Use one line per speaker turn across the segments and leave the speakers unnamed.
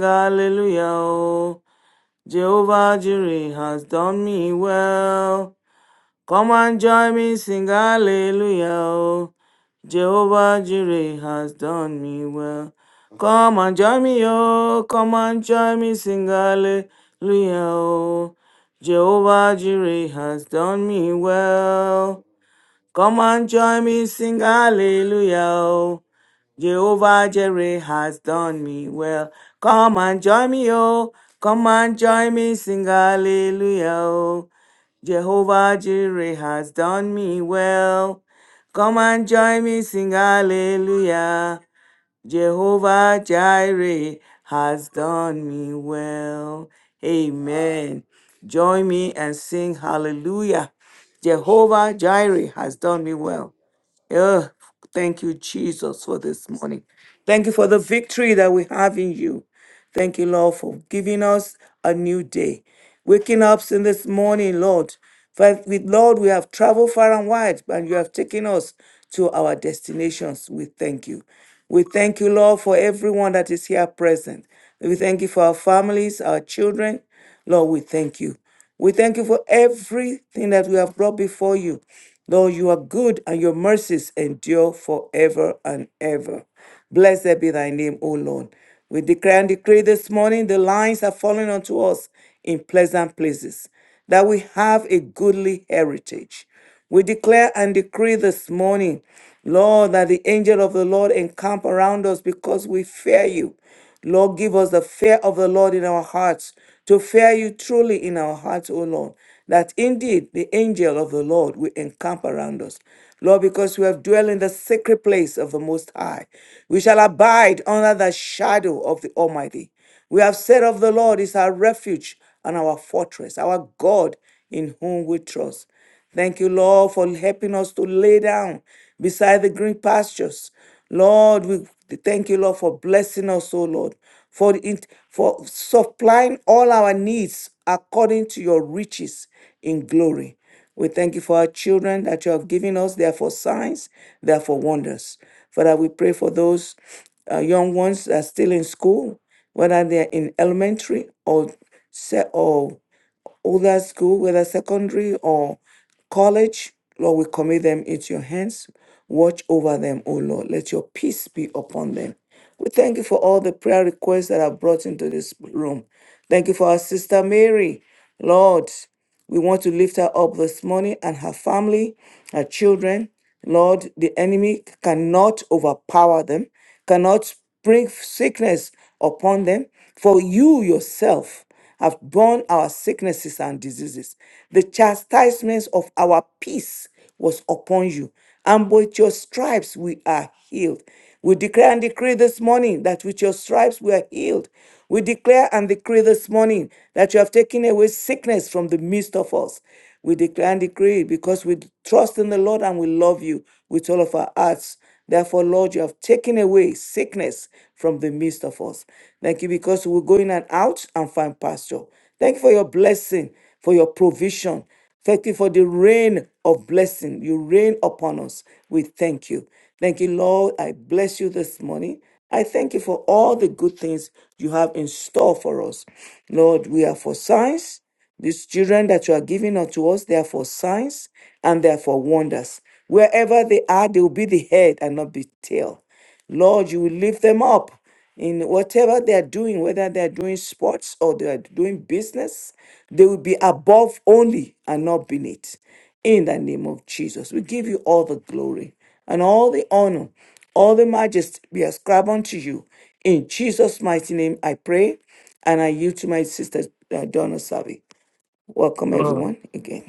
hallelujah. oh. Jehovah Jireh has done me well. Come and join me, sing hallelujah. oh. Jehovah Jireh has done me well. Come and join me, oh, come and join me, sing hallelujah. oh. Jehovah Jireh has done me well. Come and join me, sing hallelujah. oh. Jehovah Jireh has done me well. Come and join me, oh. Come and join me, sing hallelujah, oh. Jehovah Jireh has done me well. Come and join me, sing hallelujah. Jehovah Jireh has done me well. Amen. Join me and sing hallelujah. Jehovah Jireh has done me well. Oh, thank you, Jesus, for this morning. Thank you for the victory that we have in you. Thank you, Lord, for giving us a new day. Waking up in this morning, Lord. For with Lord, we have traveled far and wide, and you have taken us to our destinations. We thank you. We thank you, Lord, for everyone that is here present. We thank you for our families, our children. Lord, we thank you. We thank you for everything that we have brought before you. Lord, you are good and your mercies endure forever and ever. Blessed be thy name, O Lord. We declare and decree this morning the lines are falling unto us in pleasant places, that we have a goodly heritage. We declare and decree this morning, Lord, that the angel of the Lord encamp around us because we fear you. Lord, give us the fear of the Lord in our hearts to fear you truly in our hearts, O Lord, that indeed the angel of the Lord will encamp around us. Lord, because we have dwelt in the sacred place of the Most High, we shall abide under the shadow of the Almighty. We have said of the Lord is our refuge and our fortress, our God in whom we trust. Thank you, Lord, for helping us to lay down beside the green pastures. Lord, we thank you, Lord, for blessing us, oh Lord, for, the int- for supplying all our needs according to your riches in glory. We thank you for our children that you have given us. They are for signs, they are for wonders. Father, we pray for those uh, young ones that are still in school, whether they are in elementary or, se- or whether school, whether secondary or college, Lord, we commit them into your hands. Watch over them, O Lord. Let your peace be upon them. We thank you for all the prayer requests that are brought into this room. Thank you for our sister Mary. Lord, we want to lift her up this morning and her family, her children. Lord, the enemy cannot overpower them, cannot bring sickness upon them. For you yourself have borne our sicknesses and diseases. The chastisements of our peace was upon you, and with your stripes we are healed. We declare and decree this morning that with your stripes we are healed. We declare and decree this morning that you have taken away sickness from the midst of us. We declare and decree because we trust in the Lord and we love you with all of our hearts. Therefore, Lord, you have taken away sickness from the midst of us. Thank you because we will go in and out and find pasture. Thank you for your blessing, for your provision. Thank you for the rain of blessing. You rain upon us. We thank you. Thank you, Lord. I bless you this morning. I thank you for all the good things you have in store for us. Lord, we are for signs. These children that you are giving unto us, they are for signs and they are for wonders. Wherever they are, they will be the head and not the tail. Lord, you will lift them up in whatever they are doing, whether they are doing sports or they are doing business, they will be above only and not beneath. In the name of Jesus, we give you all the glory and all the honor, all the majesty be ascribed unto you. In Jesus' mighty name, I pray and I yield to my sister uh, Donna Savi. Welcome
Glory,
everyone again.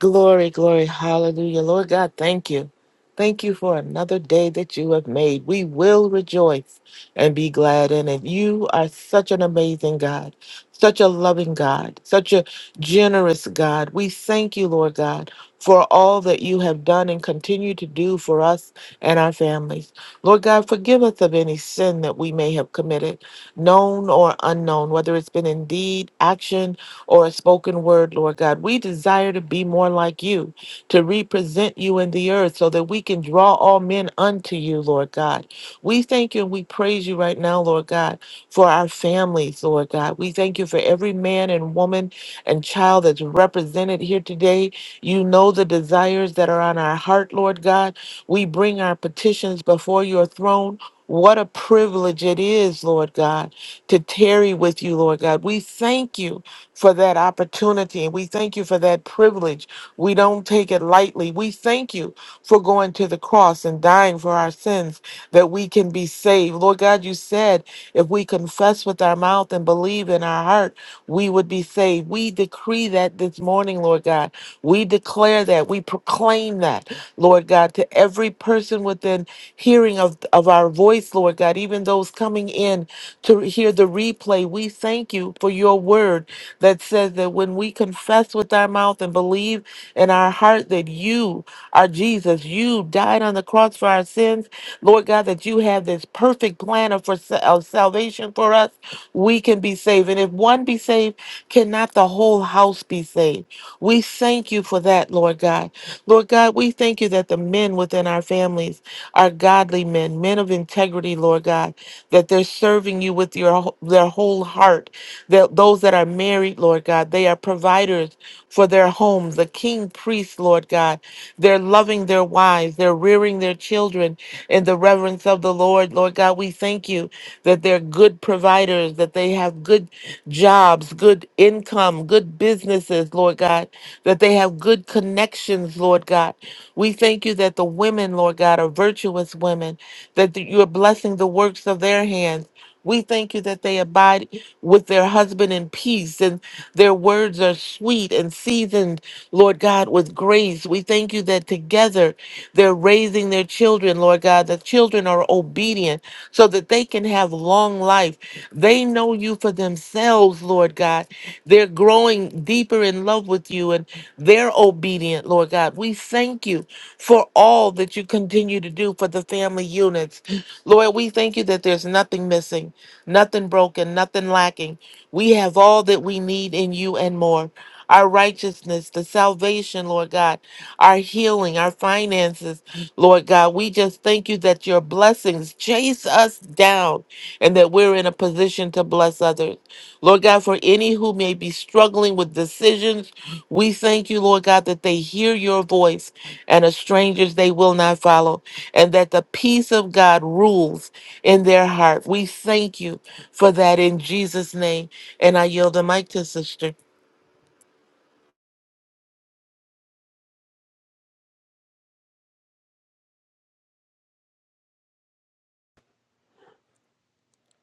glory, glory. hallelujah. Lord God, thank you. Thank you for another day that you have made. We will rejoice and be glad in it. You are such an amazing God, such a loving God, such a generous God. We thank you, Lord God, for all that you have done and continue to do for us and our families. Lord God, forgive us of any sin that we may have committed, known or unknown, whether it's been in deed, action, or a spoken word, Lord God. We desire to be more like you, to represent you in the earth so that we can draw all men unto you, Lord God. We thank you and we praise you right now, Lord God, for our families, Lord God. We thank you for every man and woman and child that's represented here today. You know the desires that are on our heart, Lord God. We bring our petitions before your throne. What a privilege it is, Lord God, to tarry with you, Lord God. We thank you for that opportunity and we thank you for that privilege. We don't take it lightly. We thank you for going to the cross and dying for our sins that we can be saved. Lord God, you said if we confess with our mouth and believe in our heart, we would be saved. We decree that this morning, Lord God. We declare that. We proclaim that, Lord God, to every person within hearing of, of our voice, Lord God, even those coming in to hear the replay. We thank you for your word that says that when we confess with our mouth and believe in our heart that you are Jesus, you died on the cross for our sins, Lord God, that you have this perfect plan of, for, of salvation for us, we can be saved. And if one be saved, cannot the whole house be saved? We thank you for that, Lord God. Lord God, we thank you that the men within our families are godly men, men of integrity, Lord God, that they're serving you with your, their whole heart, that those that are married, Lord God, they are providers for their homes, the king priests, Lord God. They're loving their wives, they're rearing their children in the reverence of the Lord. Lord God, we thank you that they're good providers, that they have good jobs, good income, good businesses, Lord God, that they have good connections, Lord God. We thank you that the women, Lord God, are virtuous women, that you are blessing the works of their hands. We thank you that they abide with their husband in peace, and their words are sweet and seasoned, Lord God, with grace. We thank you that together they're raising their children, Lord God. The children are obedient so that they can have long life. They know you for themselves, Lord God. They're growing deeper in love with you and they're obedient, Lord God. We thank you for all that you continue to do for the family units. Lord, we thank you that there's nothing missing nothing broken, nothing lacking. We have all that we need in you and more. Our righteousness, the salvation, Lord God, our healing, our finances, Lord God. We just thank you that your blessings chase us down and that we're in a position to bless others. Lord God, for any who may be struggling with decisions, we thank you, Lord God, that they hear your voice and as strangers they will not follow, and that the peace of God rules in their heart. We thank you for that in Jesus' name. And I yield the mic to Sister.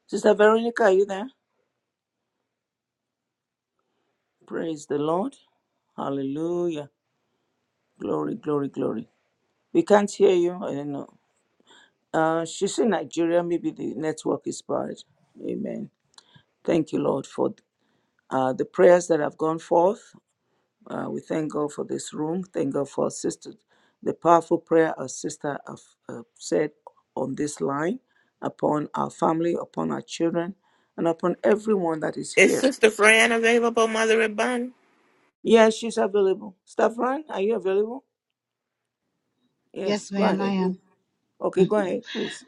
Sister Veronica, are you there? Praise the Lord. Hallelujah. Glory, glory, glory. We can't hear you. I don't know. Uh, she's in Nigeria. Maybe the network is bad. Amen. Thank you, Lord, for uh, the prayers that have gone forth. Uh, we thank God for this room. Thank God for our sister, the powerful prayer our sister have uh, said on this line upon our family, upon our children, and upon everyone that is
Is
here.
Sister Fran available, Mother and Bun?
Yes, she's available. Staff Ryan, are you available? Yes,
Yes,
go
ma'am, I
ahead.
am.
Okay, go ahead, please.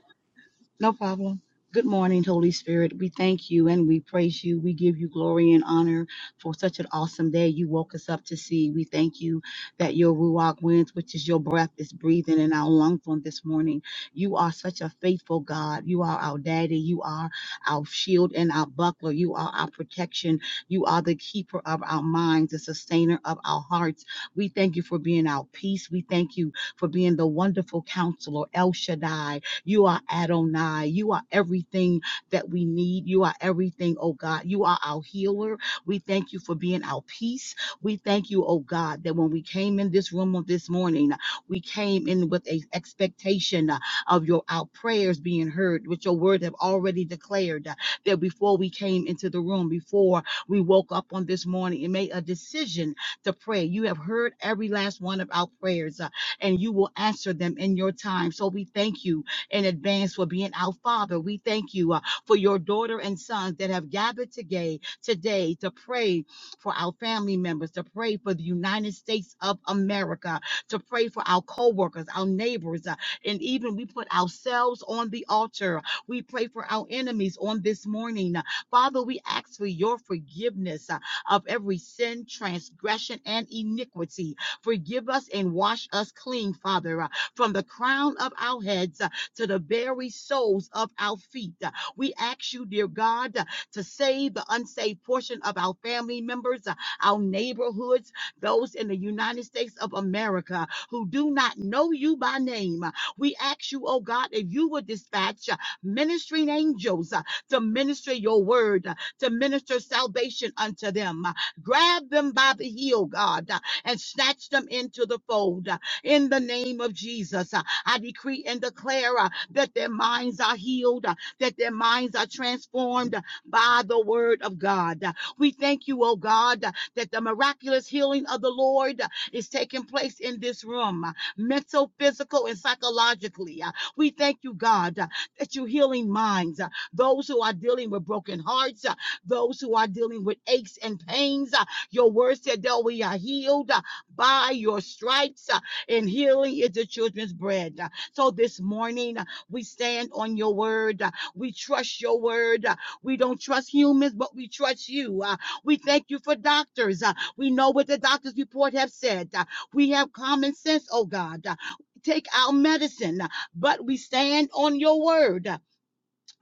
No problem. Good morning, Holy Spirit. We thank you and we praise you. We give you glory and honor for such an awesome day you woke us up to see. We thank you that your Ruach winds, which is your breath, is breathing in our lungs on this morning. You are such a faithful God. You are our daddy. You are our shield and our buckler. You are our protection. You are the keeper of our minds, the sustainer of our hearts. We thank you for being our peace. We thank you for being the wonderful counselor, El Shaddai. You are Adonai. You are everything that we need. You are everything, oh God. You are our healer. We thank you for being our peace. We thank you, oh God, that when we came in this room on this morning, we came in with an expectation uh, of your our prayers being heard, which your word have already declared uh, that before we came into the room, before we woke up on this morning and made a decision to pray. You have heard every last one of our prayers, uh, and you will answer them in your time. So we thank you in advance for being our Father. We thank you uh, for your daughter and sons that have gathered today, today to pray for our family members, to pray for the United States of America, to pray for our co-workers, our neighbors, uh, and even we put ourselves on the altar. We pray for our enemies on this morning. Father, we ask for your forgiveness uh, of every sin, transgression, and iniquity. Forgive us and wash us clean, Father, uh, from the crown of our heads to the very soles of our feet. Uh, We ask you, dear God, uh, to save the unsaved portion of our family members, uh, our neighborhoods, those in the United States of America who do not know you by name. Uh, We ask you, oh God, if you would dispatch uh, ministering angels uh, to minister your word, uh, to minister salvation unto them. Uh, Grab them by the heel, God, uh, and snatch them into the fold. uh, in the name of Jesus. I decree and declare uh, that their minds are healed, uh, that their minds are transformed uh, by the word of God. Uh, We thank you, oh God, uh, that the miraculous healing of the Lord uh, is taking place in this room, uh, mental, physical, and psychologically. Uh, We thank you, God, uh, that you're healing minds, uh, those who are dealing with broken hearts, uh, those who are dealing with aches and pains. Uh, Your word said that we are healed uh, by your stripes. Uh, and healing is the children's bread. Uh, So this morning, uh, we stand on your word. Uh, We trust your word. Uh, We don't trust humans, but we trust you. Uh, We thank you for doctors. Uh, We know what the doctor's report have said. Uh, We have common sense, oh God. Uh, Take our medicine, uh, but we stand on your word.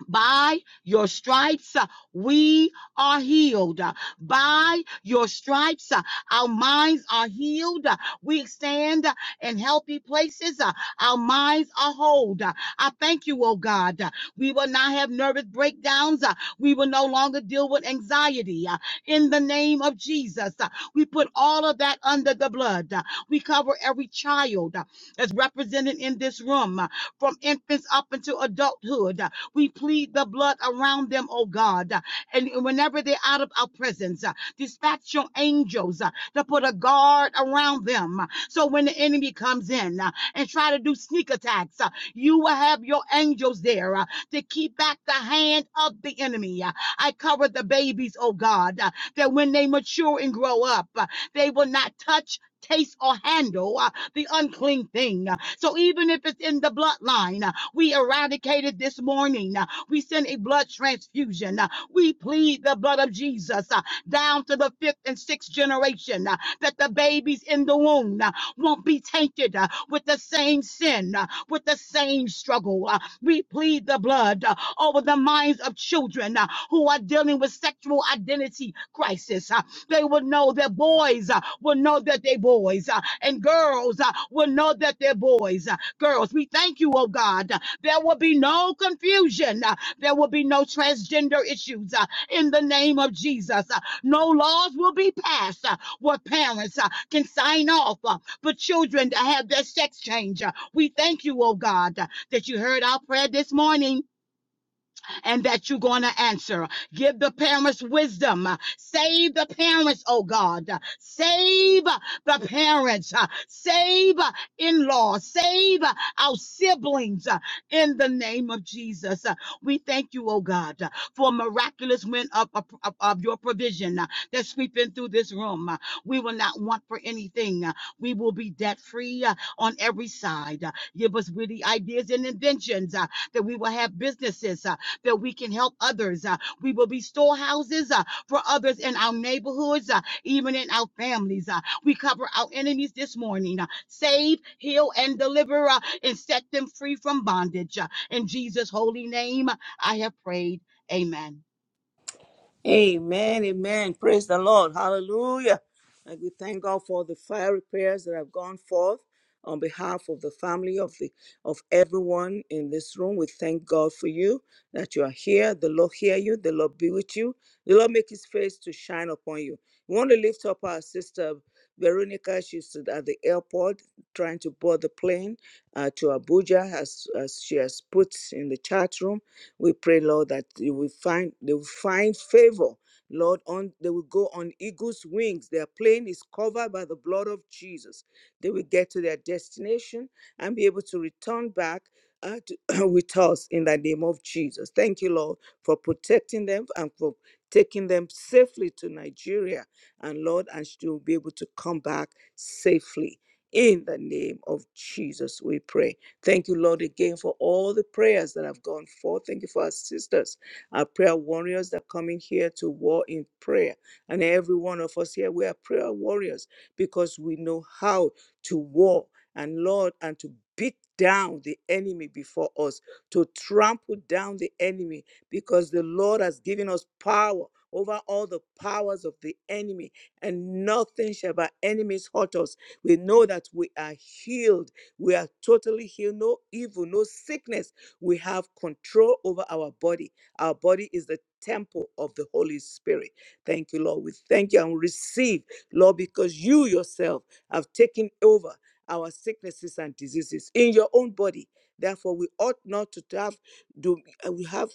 By your stripes, uh, we are healed. Uh, By your stripes, uh, our minds are healed. Uh, We stand uh, in healthy places. Uh, Our minds are whole. Uh, I thank you, oh God. Uh, We will not have nervous breakdowns. Uh, We will no longer deal with anxiety. Uh, In the name of Jesus, uh, we put all of that under the blood. Uh, We cover every child uh, that's represented in this room, uh, from infants up into adulthood. We plead the blood around them, oh God. And whenever they're out of our presence, uh, dispatch your angels uh, to put a guard around them. So when the enemy comes in uh, and try to do sneak attacks, uh, you will have your angels there uh, to keep back the hand of the enemy. Uh, I cover the babies, oh God, uh, that when they mature and grow up, uh, they will not touch. Taste or handle uh, the unclean thing. So, even if it's in the bloodline, uh, we eradicated this morning. Uh, We send a blood transfusion. Uh, We plead the blood of Jesus uh, down to the fifth and sixth generation uh, that the babies in the womb uh, won't be tainted uh, with the same sin, uh, with the same struggle. Uh, We plead the blood uh, over the minds of children uh, who are dealing with sexual identity crisis. Uh, They will know that boys uh, will know that they're boys, uh, and girls uh, will know that they're boys. Uh, Girls, we thank you, oh God. There will be no confusion. Uh, There will be no transgender issues uh, in the name of Jesus. Uh, No laws will be passed uh, where parents uh, can sign off uh, for children to have their sex change. Uh, We thank you, oh God, uh, that you heard our prayer this morning and that you're going to answer. Give the parents wisdom. Save the parents, oh God. Save the parents. Save in laws. Save our siblings in the name of Jesus. We thank you, oh God, for a miraculous wind of, of, of- your provision that's sweeping through this room. We will not want for anything. We will be debt free on every side. Give us witty ideas and inventions uh, that we will have businesses that we can help others. Uh, we will be storehouses uh, for others in our neighborhoods, uh, even in our families. Uh, we cover our enemies this morning. Uh, save, heal, and deliver, uh, and set them free from bondage. Uh, in Jesus' holy name, I have prayed. Amen.
Amen, amen. Praise the Lord. Hallelujah. And we thank God for the fiery prayers that have gone forth on behalf of the family of the of everyone in this room. We thank God for you that you are here. The Lord hear you. The Lord be with you. The Lord make his face to shine upon you. We want to lift up our sister Veronica. She's at the airport trying to board the plane uh, to Abuja as, as she has put in the chat room. We pray, Lord, that you will find they will find favor. Lord, on they will go on eagle's wings. Their plane is covered by the blood of Jesus. They will get to their destination and be able to return back uh, to- with us in the name of Jesus. Thank you, Lord, for protecting them and for taking them safely to Nigeria. And Lord, and she will be able to come back safely. In the name of Jesus, we pray. Thank you, Lord, again for all the prayers that have gone forth. Thank you for our sisters, our prayer warriors that come in here to war in prayer. And every one of us here, we are prayer warriors because we know how to war and, Lord, and to beat down the enemy before us, to trample down the enemy because the Lord has given us power over all the powers of the enemy, and nothing shall by enemies hurt us. We know that we are healed we are totally healed, no evil, no sickness. We have control over our body. Our body is the temple of the Holy Spirit. Thank you, Lord. We thank you and we receive, Lord, because you yourself have taken over our sicknesses and diseases in your own body. Therefore, we ought not to have do uh, we have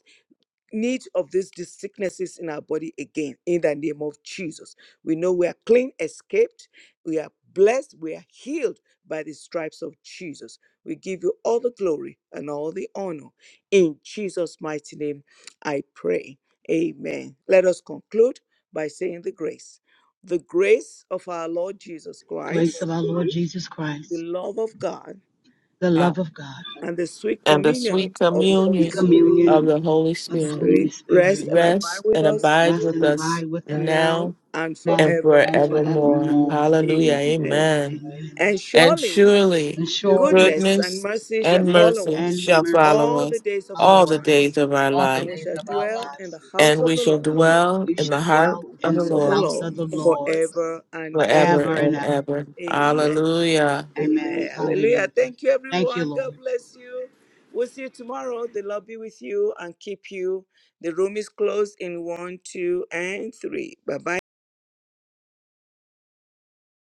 need of these, these sicknesses in our body again in the name of Jesus. We know we are clean, escaped, we are blessed, we are healed by the stripes of Jesus. We give you all the glory and all the honor. In Jesus' mighty name, I pray. Amen. Let us conclude by saying the grace. The grace of our Lord Jesus Christ,
Grace of our Lord Jesus
the
Christ,
love of God,
the
Uh,
love of God,
and the sweet
And the
communion
sweet
of the
the
Holy
communion
Spirit.
of
communion
the Holy
of
Holy
the
Spirit
Holy
Spirit, rest
Spirit,
and abide
rest
with
and
us
abide
rest
with
and
us
abide with us
now
now
and
and
now and
forevermore.
forevermore.
forevermore.
Hallelujah.
Amen.
Amen.
Amen.
And
Yes,
And
Lord.
surely
surely
And surely.
goodness and
goodness
mercy shall
and
goodness
follow
mercy
and
us
shall
mercy
all
follow
the
us
days of our
all
follow
the
us
days
lives,
of our
all the
and
life,
we
days
shall
of our
dwell in
lives.
the house
and
of
we
the
shall
Lord,
And
dwell
we
in the
should
heart
dwell
of
in
the
house
the
of the
Lord
house
Lord,
of the Lord
forever and
forever
forever
ever.
and
and
ever.
ever.
Amen.
Hallelujah.
Amen.
Amen. Hallelujah.
Hallelujah.
Thank you,
Thank you,
everyone.
Lord.
God bless you. We'll see you tomorrow. The Lord be with you and keep you. The room is closed in one, two, and three. Bye bye.